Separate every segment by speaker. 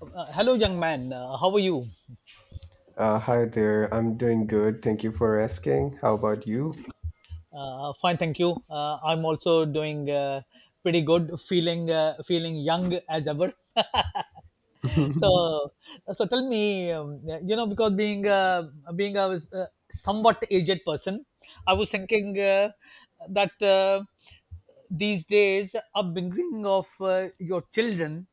Speaker 1: Hello, young man. How are you?
Speaker 2: Hi there. I'm doing good. Thank you for asking. How about you?
Speaker 1: Fine, thank you. I'm also doing pretty good. Feeling feeling young as ever. so so tell me, because being being a somewhat aged person, I was thinking that. These days upbringing of your children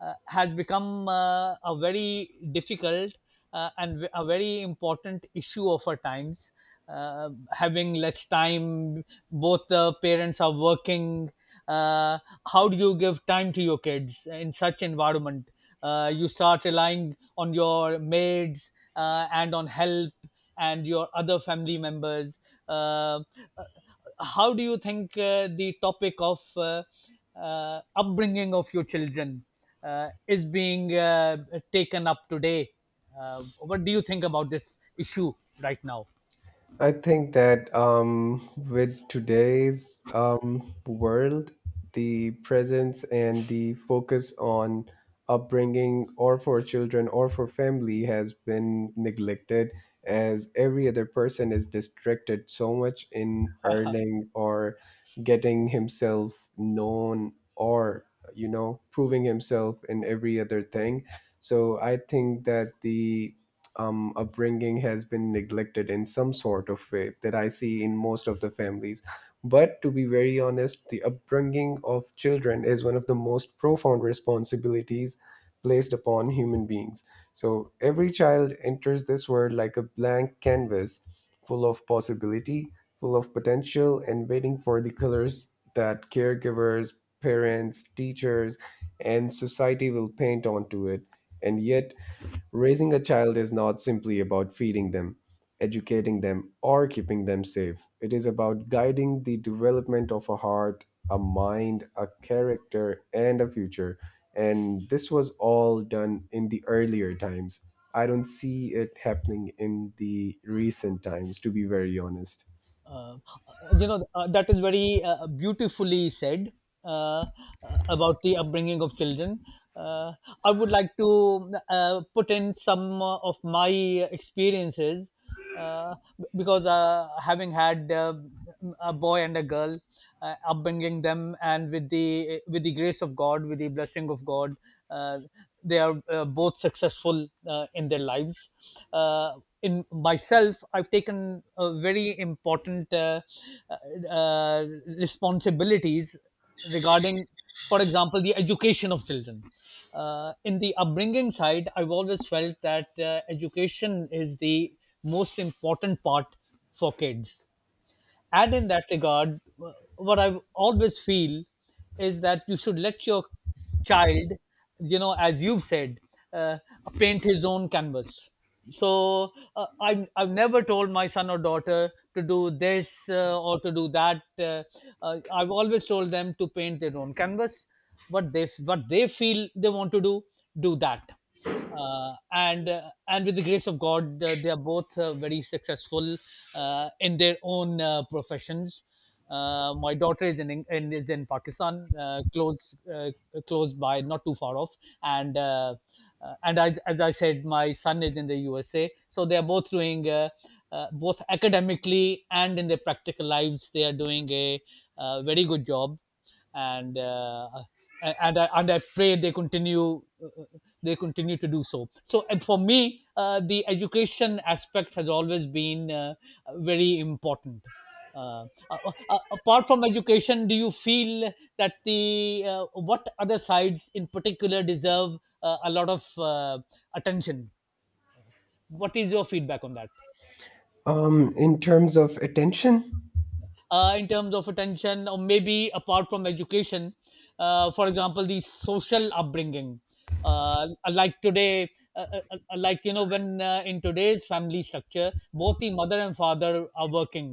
Speaker 1: has become a very difficult and a very important issue of our times, having less time, both the parents are working. uh, how do you give time to your kids in such environment? You start relying on your maids and on help and your other family members. uh, uh, how do you think the topic of upbringing of your children is being taken up today? What do you think about this issue right now?
Speaker 2: I think that with today's world, the presence and the focus on upbringing or for children or for family has been neglected as every other person is distracted so much in earning or getting himself known or proving himself in every other thing so I think that the upbringing has been neglected in some sort of way that I see in most of the families. But to be very honest, the upbringing of children is one of the most profound responsibilities placed upon human beings. So every child enters this world like a blank canvas full of possibility, full of potential, and waiting for the colors that caregivers, parents, teachers, and society will paint onto it. And yet, raising a child is not simply about feeding them, educating them, or keeping them safe. It is about guiding the development of a heart, a mind, a character, and a future. And this was all done in the earlier times. I don't see it happening in the recent times, to be very honest.
Speaker 1: uh, you know, that is very beautifully said uh, uh, about the upbringing of children. uh, I would like to put in some of my experiences, because having had a boy and a girl, upbringing them, and with the grace of God, with the blessing of God, uh, they are both successful in their lives. uh, in myself, I've taken a very important uh, responsibilities regarding, for example, the education of children. In the upbringing side, I've always felt that education is the most important part for kids. And in that regard, what I always feel is that you should let your child, you know, as you've said, uh, paint his own canvas. So I've never told my son or daughter to do this or to do that. I've always told them to paint their own canvas. What they feel they want to do, do that. And and with the grace of God, they are both very successful in their own professions. My daughter is in Pakistan, close close by, not too far off, and uh, and I, as I said, my son is in the USA. So they are both doing both academically and in their practical lives. They are doing a very good job, and uh, and I, and I pray they continue to do so. So, and for me, the education aspect has always been very important. Apart from education, do you feel that the what other sides in particular deserve a lot of attention? What is your feedback on that?
Speaker 2: In terms of attention.
Speaker 1: In terms of attention, or maybe apart from education, for example, the social upbringing, like today, like, you know, when in today's family structure, both the mother and father are working.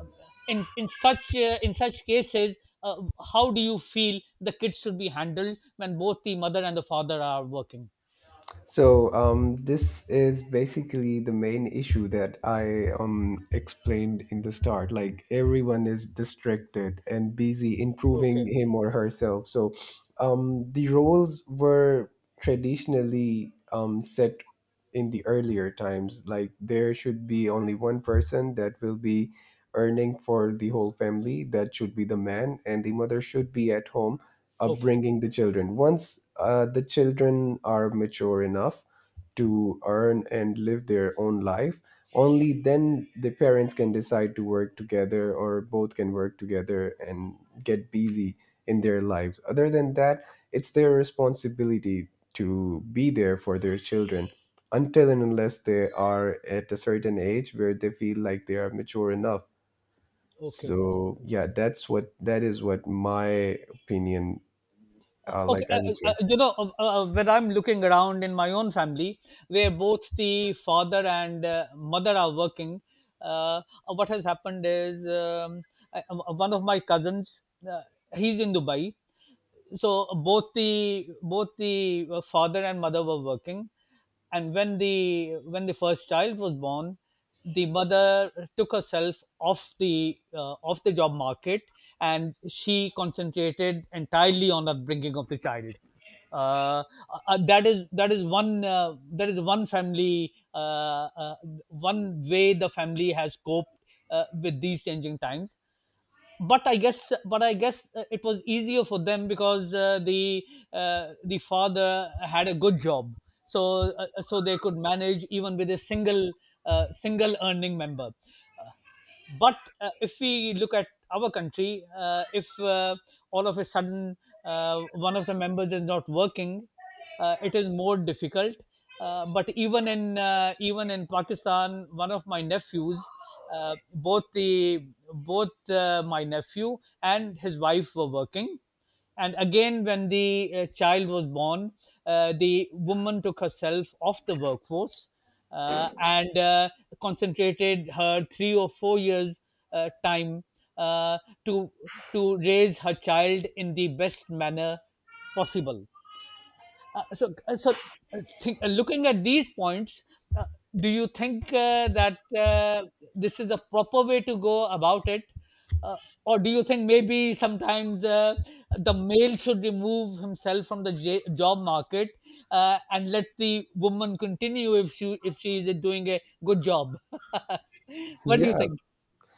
Speaker 1: Um, in such cases, uh, how do you feel the kids should be handled when both the mother and the father are working?
Speaker 2: So this is basically the main issue that I explained in the start. Like everyone is distracted and busy improving
Speaker 1: Okay.
Speaker 2: him or herself. So the roles were traditionally set in the earlier times. Like there should be only one person that will be earning for the whole family. That should be the man, and the mother should be at home
Speaker 1: Okay.
Speaker 2: upbringing the children once the children are mature enough to earn and live their own life, only then the parents can decide to work together or both can work together and get busy in their lives. Other than that, it's their responsibility to be there for their children until and unless they are at a certain age where they feel like they are mature enough.
Speaker 1: Okay.
Speaker 2: So yeah, that is what my opinion,
Speaker 1: Okay,
Speaker 2: like I would say.
Speaker 1: you know, when I'm looking around in my own family, where both the father and mother are working, uh, uh, what has happened is, I, one of my cousins, uh, he's in Dubai. So both the father and mother were working, and when the first child was born, the mother took herself off the job market, and she concentrated entirely on the bringing of the child. uh, that is one family, one way the family has coped with these changing times. But I guess it was easier for them because the father had a good job. So so they could manage even with a single single earning member. Uh, but uh, if we look at our country, if all of a sudden one of the members is not working, it is more difficult. But even in even in Pakistan, one of my nephews, both the both my nephew and his wife were working, and again when the child was born, the woman took herself off the workforce, and concentrated her 3 or 4 years time uh, to to raise her child in the best manner possible. So looking at these points, uh, do you think that this is the proper way to go about it? uh, or do you think maybe sometimes the male should remove himself from the job market, and let the woman continue if she is doing a good job? What do you
Speaker 2: Yeah,
Speaker 1: think?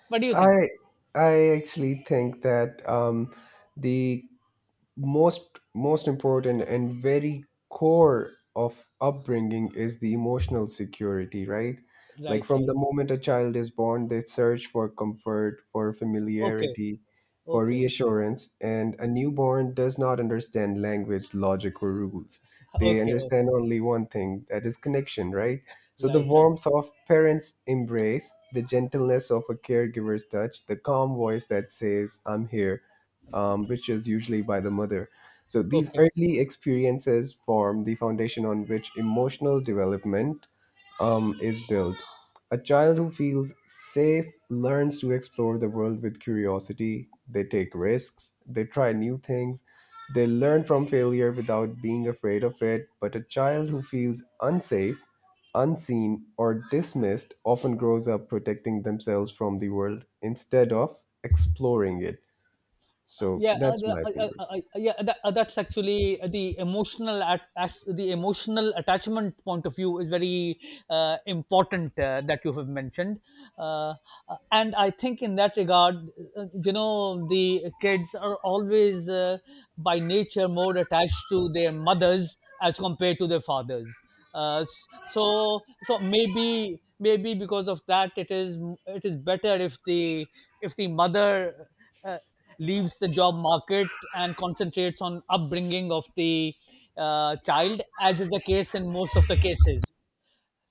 Speaker 1: What do you think?
Speaker 2: I I actually think that the most important and very core of upbringing is the emotional security, right? Like
Speaker 1: Right,
Speaker 2: from
Speaker 1: right.
Speaker 2: the moment a child is born they search for comfort, for
Speaker 1: Okay,
Speaker 2: familiarity, for
Speaker 1: okay,
Speaker 2: reassurance, and a newborn does not understand language, logic, or rules. They
Speaker 1: okay, okay.
Speaker 2: understand only one thing, that is connection, right? So the
Speaker 1: Right, right.
Speaker 2: warmth of parents' embrace, the gentleness of a caregiver's touch, the calm voice that says I'm here, which is usually by the mother. So these
Speaker 1: Okay.
Speaker 2: early experiences form the foundation on which emotional development is built. A child who feels safe learns to explore the world with curiosity. They take risks, they try new things, they learn from failure without being afraid of it. But a child who feels unsafe, unseen, or dismissed often grows up protecting themselves from the world instead of exploring it. So
Speaker 1: Yeah,
Speaker 2: that's my opinion.
Speaker 1: yeah. That's actually the emotional as the emotional attachment point of view is very important that you have mentioned. uh, uh, and I think in that regard, you know, the kids are always by nature more attached to their mothers as compared to their fathers. So maybe maybe because of that, it is better if the mother uh, leaves the job market and concentrates on upbringing of the child, as is the case in most of the cases.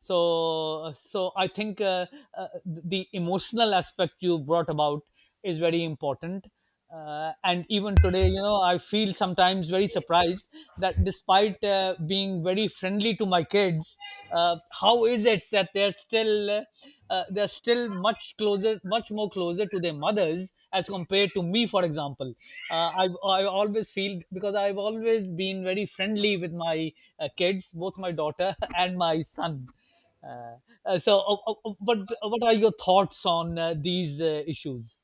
Speaker 1: So I think the emotional aspect you brought about is very important. And even today, you know, I feel sometimes very surprised that, despite being very friendly to my kids, how is it that they're still much closer, much more closer to their mothers as compared to me, for example. I always feel because I've always been very friendly with my kids, both my daughter and my son. Uh, what are your thoughts on these issues?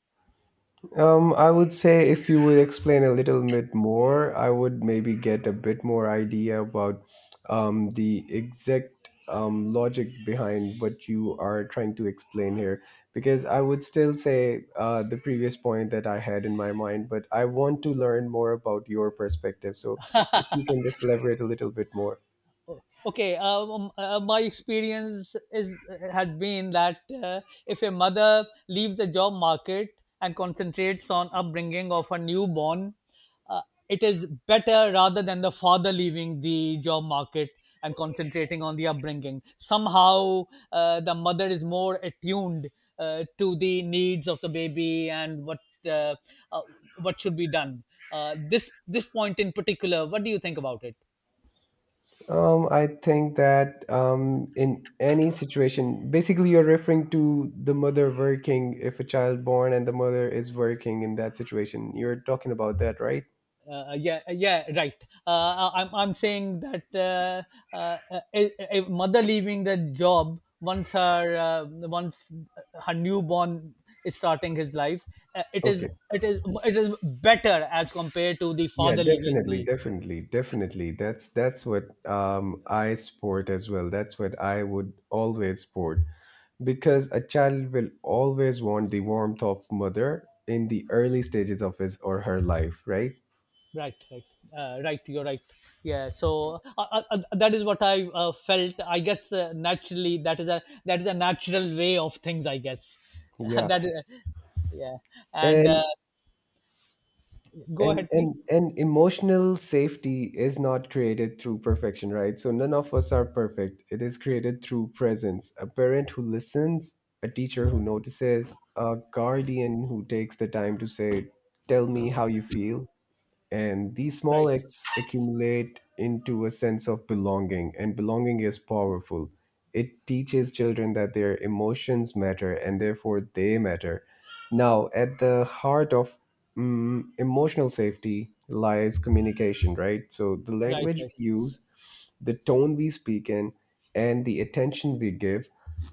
Speaker 2: I would say if you would explain a little bit more, I would maybe get a bit more idea about the exact logic behind what you are trying to explain here. Because I would still say the previous point that I had in my mind, but I want to learn more about your perspective. So if you can just elaborate a little bit more.
Speaker 1: My experience is has been that if a mother leaves the job market and concentrates on upbringing of her newborn, uh, it is better rather than the father leaving the job market and concentrating on the upbringing. Somehow the mother is more attuned to the needs of the baby, and uh, uh, what should be done. This point in particular, what do you think about it?
Speaker 2: I think that in any situation, basically, you're referring to the mother working. If a child born and the mother is working in that situation, you're talking about that, right?
Speaker 1: Yeah, yeah, right. I'm saying that a mother leaving the job once her newborn is starting his life, it is
Speaker 2: Okay.
Speaker 1: it is better as compared to the
Speaker 2: Yeah,
Speaker 1: father leaving
Speaker 2: definitely,
Speaker 1: the
Speaker 2: definitely, definitely. That's what I support as well. That's what I would always support because a child will always want the warmth of mother in the early stages of his or her life, right?
Speaker 1: right, right, right. You're right. Yeah. So that is what I felt. I guess naturally, that is a natural way of things. I guess
Speaker 2: Yeah.
Speaker 1: that is yeah. And
Speaker 2: And
Speaker 1: Go
Speaker 2: and
Speaker 1: ahead, please.
Speaker 2: and and emotional safety is not created through perfection, right? So none of us are perfect, it is created through presence. A parent who listens, a teacher who
Speaker 1: Yeah,
Speaker 2: notices, a guardian who takes the time to say tell me how you feel, and these small
Speaker 1: right,
Speaker 2: acts accumulate into a sense of belonging, and belonging is powerful. It teaches children that their emotions matter and therefore they matter. Now, at the heart of emotional safety lies communication, right? So the
Speaker 1: right,
Speaker 2: language
Speaker 1: right.
Speaker 2: we use, the tone we speak in, and the attention we give,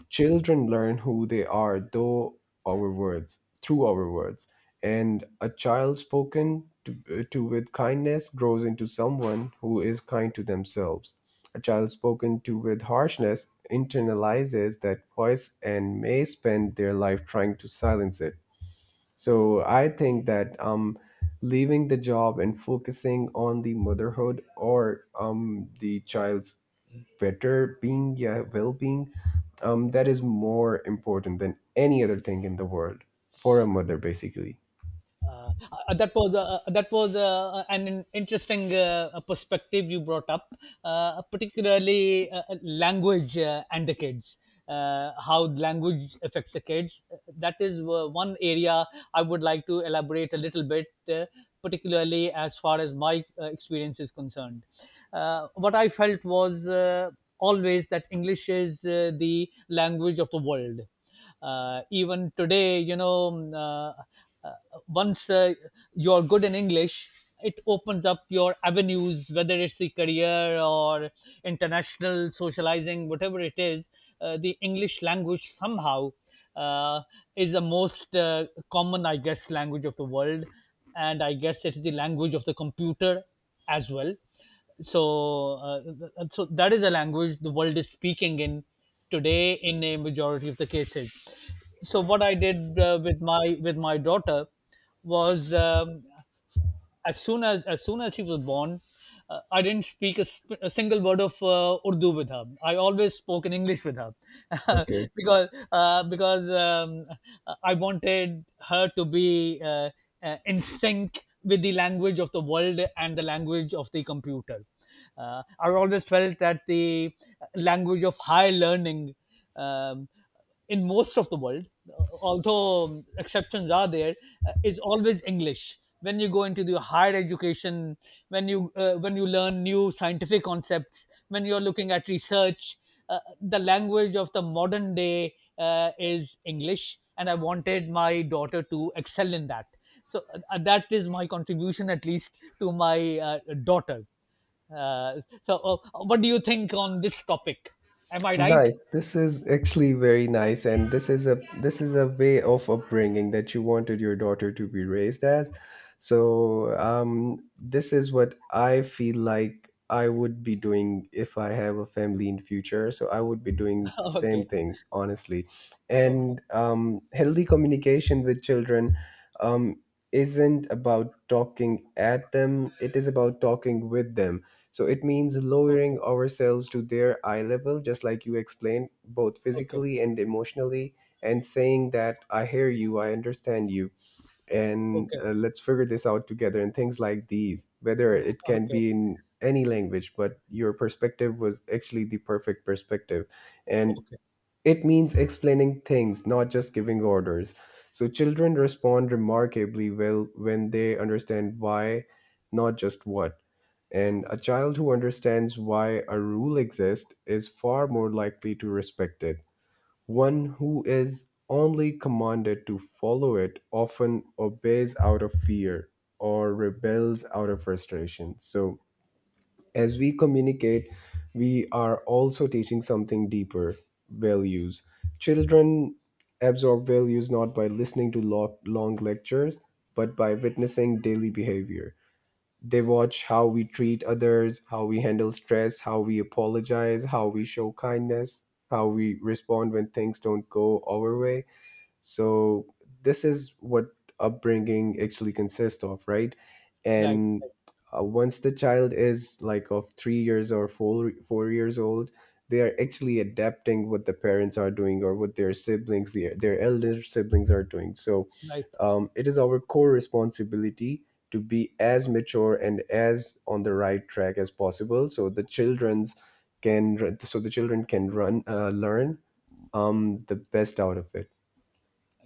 Speaker 2: children learn who they are through our words. And a child spoken to with kindness grows into someone who is kind to themselves. A child spoken to with harshness internalizes that voice and may spend their life trying to silence it. So I think that leaving the job and focusing on the motherhood or the child's well being, that is more important than any other thing in the world for a mother, basically.
Speaker 1: Uh, that was an interesting perspective you brought up, particularly language and the kids. How language affects the kids. That is one area I would like to elaborate a little bit, uh, particularly as far as my experience is concerned. What I felt was always that English is the language of the world. Even today, you know, uh, once you're good in English, it opens up your avenues, whether it's the career or international socializing, whatever it is. The English language, somehow, uh, is the most common, I guess, language of the world, and I guess it is the language of the computer as well. So so that is a language the world is speaking in today in a majority of the cases. So what I did with my daughter was, as soon as she was born, I didn't speak a, a single word of Urdu with her. I always spoke in English with her
Speaker 2: Okay.
Speaker 1: because I wanted her to be in sync with the language of the world and the language of the computer. I always felt that the language of higher learning, Um, in most of the world, although exceptions are there, is always English. When you go into the higher education, when you learn new scientific concepts, when you're looking at research, the language of the modern day is English, and I wanted my daughter to excel in that. So that is my contribution, at least, to my daughter. Uh, so, uh, what do you think on this topic? Am I right?
Speaker 2: Nice. This is actually very nice, and this is a way of upbringing that you wanted your daughter to be raised as. So this is what I feel like I would be doing if I have a family in future. So I would be doing the same
Speaker 1: Okay,
Speaker 2: thing, honestly.
Speaker 1: okay.
Speaker 2: And healthy communication with children um, isn't about talking at them; it is about talking with them. So it means
Speaker 1: Okay,
Speaker 2: lowering ourselves to their eye level, just like you explained, both
Speaker 1: okay,
Speaker 2: physically and emotionally, and saying that I hear you, I understand you, and
Speaker 1: okay,
Speaker 2: let's figure this out together, and things like these, whether it can
Speaker 1: okay,
Speaker 2: be in any language, but your perspective was actually the perfect perspective. And
Speaker 1: okay.
Speaker 2: it means explaining things, not just giving orders. So children respond remarkably well when they understand why, not just what. And a child who understands why a rule exists is far more likely to respect it. One who is only commanded to follow it often obeys out of fear or rebels out of frustration. So, as we communicate, we are also teaching something deeper: values. Children absorb values not by listening to long lectures, but by witnessing daily behavior. They watch how we treat others, how we handle stress, how we apologize, how we show kindness, how we respond when things don't go our way. So this is what upbringing actually consists of, right?
Speaker 1: Right,
Speaker 2: And once the child is like of 3 years or four years old, they are actually adapting what the parents are doing or what their siblings, their elder siblings are doing. So
Speaker 1: right.
Speaker 2: it is our core responsibility to be as mature and as on the right track as possible, so the children can run learn the best out of it.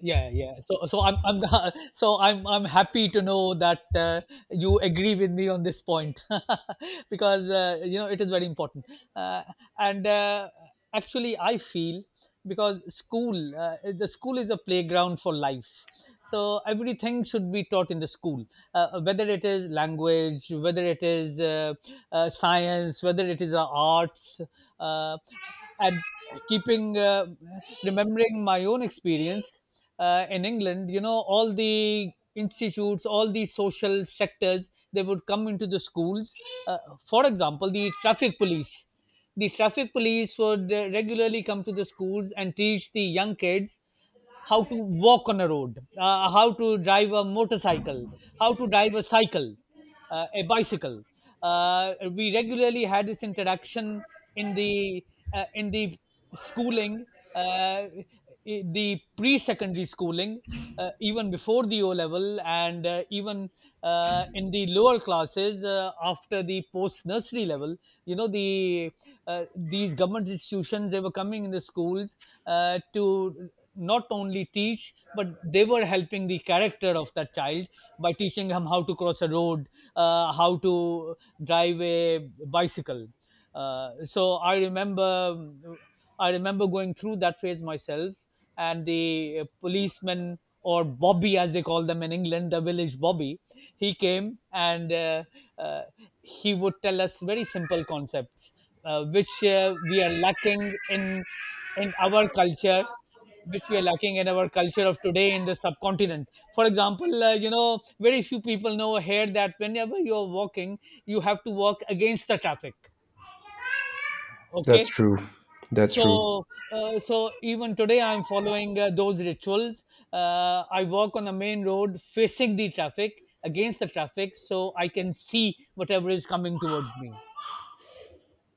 Speaker 1: Yeah, yeah, so I'm so I'm happy to know that you agree with me on this point. Because you know, it is very important, uh, and actually I feel, because school the school is a playground for life, so everything should be taught in the school, whether it is language, whether it is science, whether it is arts, uh, and keeping remembering my own experience in England. You know, all the institutes, all the social sectors, they would come into the schools, uh, for example the traffic police. The traffic police would regularly come to the schools and teach the young kids how to walk on a road, how to drive a motorcycle, how to drive a cycle, a bicycle. We regularly had this interaction in the in the schooling, uh, the pre-secondary schooling, even before the O level, and even in the lower classes after the post-nursery level. You know, these government institutions, they were coming in the schools to not only teach, but they were helping the character of that child by teaching him how to cross a road, how to drive a bicycle. So I remember going through that phase myself, and the policeman or Bobby, as they call them in England, the village Bobby. He came and uh, he would tell us very simple concepts, which we are lacking in our culture, which we are lacking in our culture of today in the subcontinent. For example, you know, very few people know here that whenever you are walking, you have to walk against the traffic.
Speaker 2: That's
Speaker 1: Okay.
Speaker 2: true. That's true.
Speaker 1: So even today I'm following those rituals. I walk on the main road facing the traffic, against the traffic, so I can see whatever is coming towards me.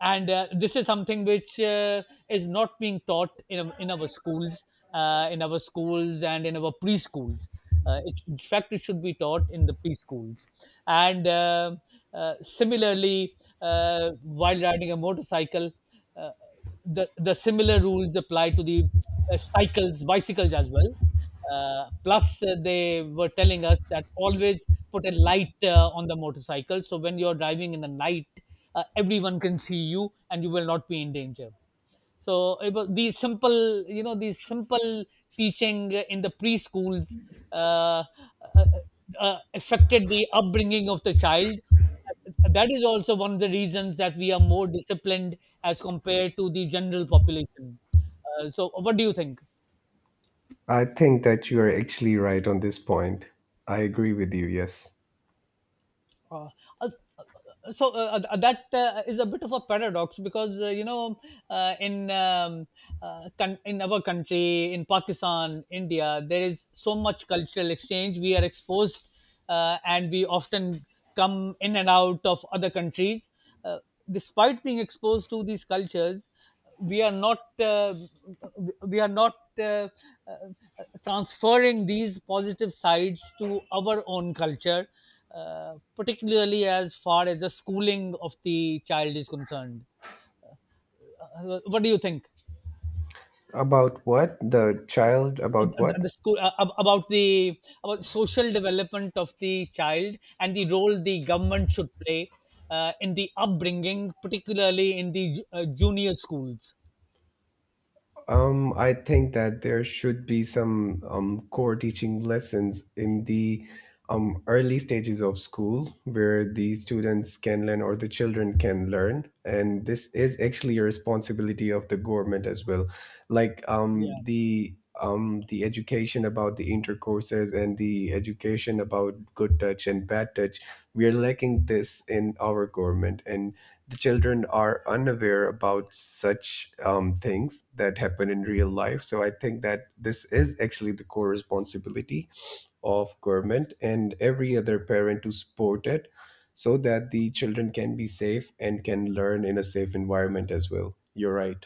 Speaker 1: And this is something which is not being taught in our schools, in our schools and in our preschools. In fact, it should be taught in the preschools. And similarly, while riding a motorcycle, uh, the similar rules apply to the cycles, bicycles as well. Plus They were telling us that always put a light on the motorcycle, so when you're driving in the night, everyone can see you and you will not be in danger. So it was these simple, you know, these simple teaching in the preschools uh, uh, uh, affected the upbringing of the child. That is also one of the reasons that we are more disciplined as compared to the general population. So what do you think?
Speaker 2: I think that you are actually right on this point. I agree with you, yes.
Speaker 1: Uh, as- that is a bit of a paradox, because uh, in um, in our country, in Pakistan, India, there is so much cultural exchange. We are exposed, and we often come in and out of other countries. uh, Despite being exposed to these cultures, we are not uh, we are not transferring these positive sides to our own culture, particularly as far as the schooling of the child is concerned. What do you think?
Speaker 2: About what? The child, about what?
Speaker 1: About the about social development of the child and the role the government should play in the upbringing, particularly in the junior schools.
Speaker 2: I think that there should be some core teaching lessons in the early stages of school where the students can learn or the children can learn. And this is actually a responsibility of the government as well. Like
Speaker 1: Yeah.
Speaker 2: the education about the intercourses and the education about good touch and bad touch, we are lacking this in our government. And the children are unaware about such things that happen in real life. So I think that this is actually the core responsibility of government and every other parent to support it so that the children can be safe and can learn in a safe environment as well. You're right.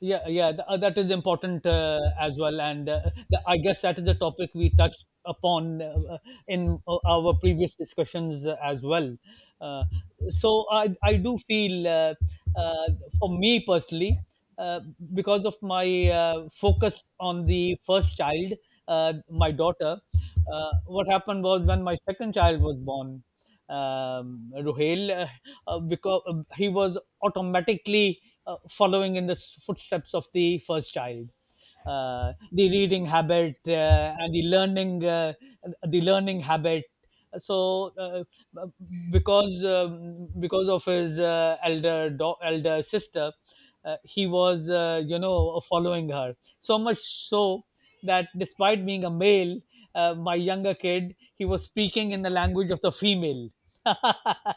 Speaker 1: Yeah, yeah, that is important as well. I guess that is a topic we touched upon uh, in our previous discussions as well. Uh, so i i do feel, uh, for me personally, uh, because of my focus on the first child, my daughter, what happened was when my second child was born, Ruhail, because he was automatically following in the footsteps of the first child. The reading habit, and the learning habit. So, b- because of his elder sister, he was, you know, following her so much so that, despite being a male, my younger kid, he was speaking in the language of the female.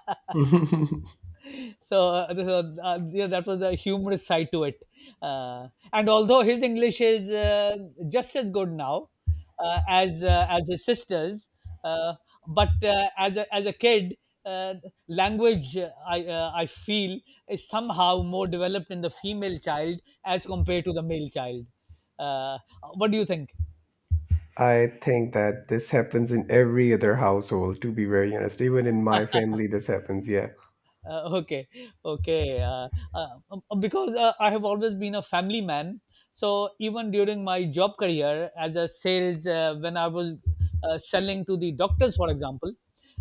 Speaker 1: So, yeah, that was a humorous side to it. Uh, and although his English is just as good now as his sister's, uh, as a kid, uh, language, I feel, is somehow more developed in the female child as compared to the male child. Uh, what do you think?
Speaker 2: I think that this happens in every other household, to be very honest. Even in my family, this happens. Yeah.
Speaker 1: Okay, okay. Uh, because I have always been a family man, so even during my job career as a sales, when I was selling to the doctors, for example,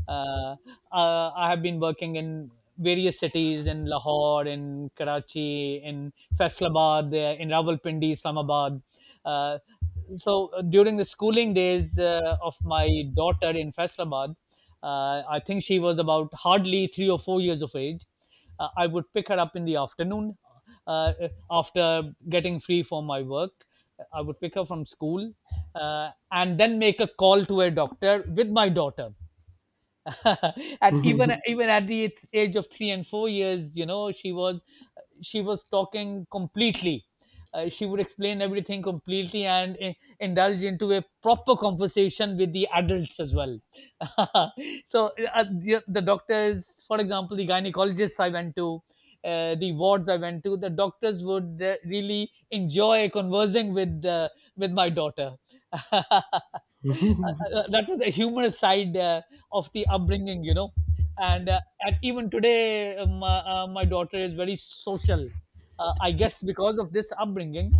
Speaker 1: uh, I have been working in various cities, in Lahore, in Karachi, in Faisalabad, in Rawalpindi, Islamabad. Uh, During the schooling days of my daughter in Faisalabad, I think she was about hardly 3 or 4 years of age. I would pick her up in the afternoon uh, after getting free from my work. I would pick her from school and then make a call to a doctor with my daughter. And even at the age of 3 and 4 years, you know, she was talking completely. She would explain everything completely and indulge into a proper conversation with the adults as well. So, the doctors, for example, the gynecologists I went to, the wards I went to, the doctors would really enjoy conversing with my daughter. That was the humorous side of the upbringing, you know. And at even today, my daughter is very social. I guess because of this upbringing,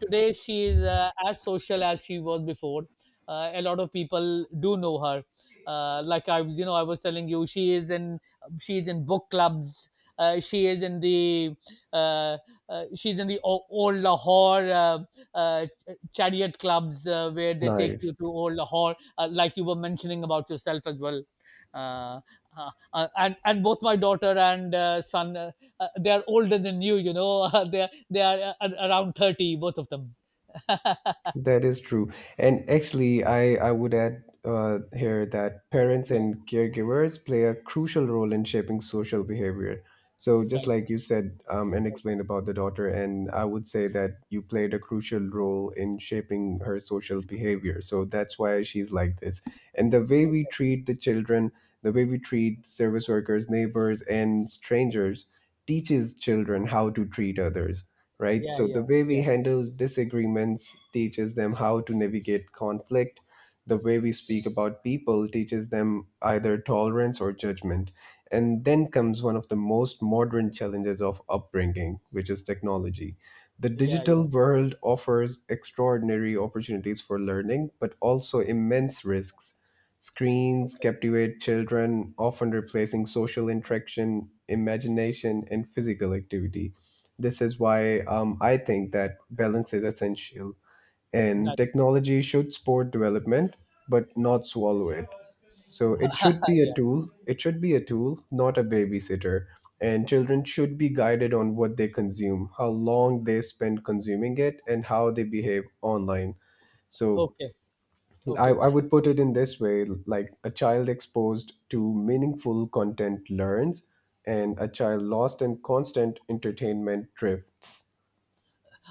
Speaker 1: today she is as social as she was before. A lot of people do know her. You know, I was telling you, she is in, she is in book clubs. She is in the uh, she's in the old Lahore uh, chariot clubs, where they take you
Speaker 2: Nice.
Speaker 1: to old Lahore, like you were mentioning about yourself as well. Uh, and both my daughter and son, they are older than you. You know, they are a around 30, both of them.
Speaker 2: That is true. And actually, I would add here that parents
Speaker 1: Yeah,
Speaker 2: and caregivers play a crucial role in shaping social behavior. So, just
Speaker 1: right.
Speaker 2: like you said and
Speaker 1: Right.
Speaker 2: explained about the daughter, and I would say that you played a crucial role in shaping her social behavior. So, that's why she's like this. And the way we
Speaker 1: Okay.
Speaker 2: treat the children, the way we treat service workers, neighbors, and strangers teaches children how to treat others, right?
Speaker 1: Yeah,
Speaker 2: So the
Speaker 1: yeah,
Speaker 2: way
Speaker 1: yeah,
Speaker 2: we handle disagreements teaches them how to navigate conflict. The way we speak about people teaches them either tolerance or judgment. And then comes one of the most modern challenges of upbringing, which is technology. The
Speaker 1: yeah, yeah.
Speaker 2: digital world offers extraordinary opportunities for learning, but also immense risks. Screens captivate children, often replacing social interaction, imagination, and physical activity. This is why I think that balance is essential, and
Speaker 1: That,
Speaker 2: technology should support development but not swallow it. So it should be a
Speaker 1: yeah.
Speaker 2: tool. It should be a tool, not a babysitter. And children should be guided on what they consume, how long they spend consuming it, and how they behave online. So
Speaker 1: Okay. Okay.
Speaker 2: I would put it in this way: like a child exposed to meaningful content learns, and a child lost in constant entertainment drifts.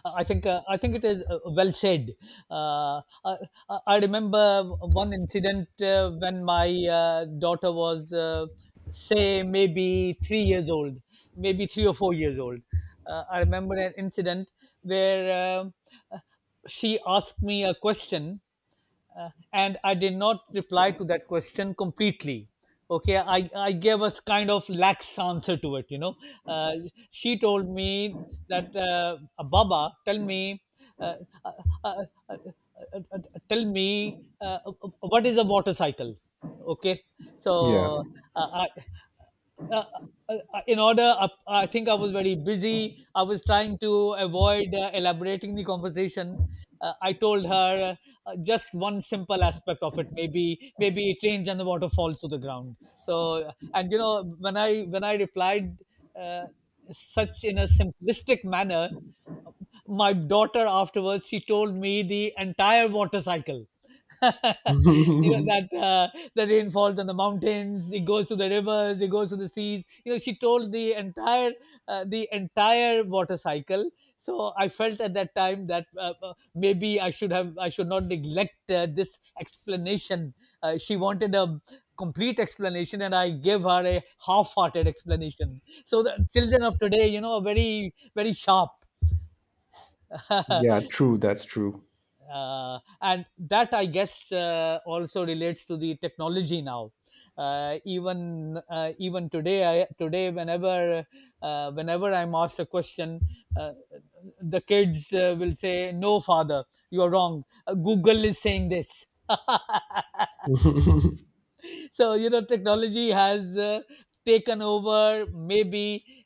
Speaker 1: I think it is well said. Uh, I, I remember one incident when my daughter was, say, maybe 3 years old, maybe 3 or 4 years old. I remember an incident where um, uh, she asked me a question, and I did not reply to that question completely. Okay, I gave a kind of lax answer to it. You know, uh, she told me that, Baba, uh, uh, uh, uh, uh, uh, uh, tell me, what is a motorcycle? Okay,
Speaker 2: Yeah.
Speaker 1: so I, uh, in order, I think I was very busy. I was trying to avoid elaborating the conversation. I told her just one simple aspect of it. Maybe it rains and the water falls to the ground. So and you know when i when i replied uh, such in a simplistic manner, my daughter afterwards, she told me the entire water cycle. you know that The rain falls on the mountains, it goes to the rivers, it goes to the seas. You know, she told the entire water cycle. So I felt at that time that maybe I should not neglect this explanation. She wanted a complete explanation and I gave her a half-hearted explanation. So the children of today, you know, are very, very sharp.
Speaker 2: Yeah, true, that's true.
Speaker 1: And that, I guess, also relates to the technology now. Today, whenever whenever I'm asked a question, uh, the kids will say, no, father, you're wrong. Google is saying this. So, you know, technology has taken over maybe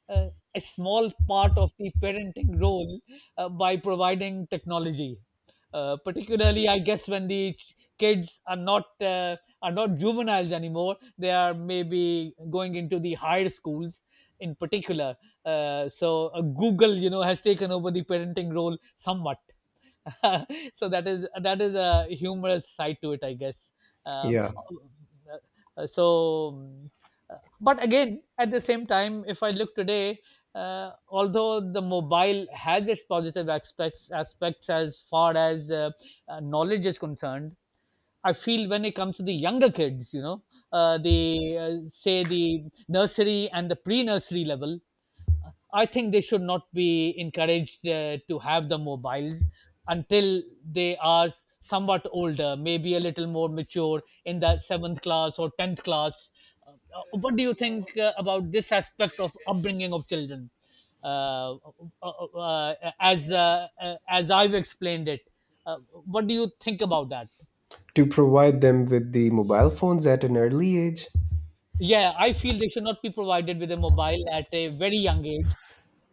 Speaker 1: a small part of the parenting role by providing technology, particularly, I guess, when the kids are not juveniles anymore, they are maybe going into the higher schools in particular. Google, you know, has taken over the parenting role somewhat. So that is, that is a humorous side to it, I guess. Um,
Speaker 2: Yeah.
Speaker 1: uh, uh, so, um, but again, at the same time, if I look today, although the mobile has its positive aspects as far as knowledge is concerned, I feel when it comes to the younger kids, you know, the say the nursery and the pre-nursery level, I think they should not be encouraged to have the mobiles until they are somewhat older, maybe a little more mature in the seventh class or 10th class. Uh, what do you think about this aspect of upbringing of children? Uh, uh, uh, uh, as I've explained it, uh, what do you think about that?
Speaker 2: To provide them with the mobile phones at an early age.
Speaker 1: Yeah, I feel they should not be provided with a mobile at a very young age.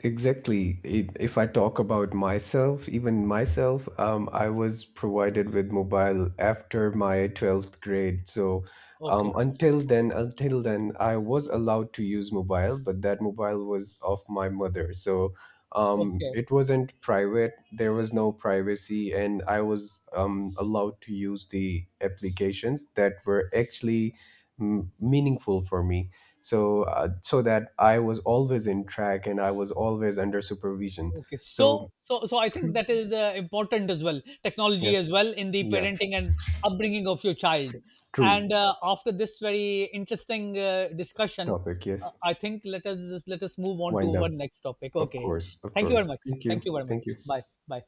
Speaker 2: Exactly. If I talk about myself, even myself, I was provided with mobile after my 12th grade. So
Speaker 1: Okay,
Speaker 2: until then, I was allowed to use mobile, but that mobile was of my mother. So
Speaker 1: okay,
Speaker 2: it wasn't private. There was no privacy, and I was allowed to use the applications that were actually meaningful for me. So so that I was always in track and I was always under supervision.
Speaker 1: okay. so
Speaker 2: So
Speaker 1: so so I think that is important as well.
Speaker 2: yeah,
Speaker 1: Technology as well in the
Speaker 2: yeah,
Speaker 1: parenting and upbringing of your child.
Speaker 2: true
Speaker 1: And after this very interesting discussion,
Speaker 2: topic. Yes,
Speaker 1: I think let us move on to
Speaker 2: wind up.
Speaker 1: our next topic.
Speaker 2: Of
Speaker 1: Okay,
Speaker 2: course, of
Speaker 1: thank you very
Speaker 2: course.
Speaker 1: much.
Speaker 2: Thank you,
Speaker 1: Thank you very much.
Speaker 2: thank you.
Speaker 1: Bye bye.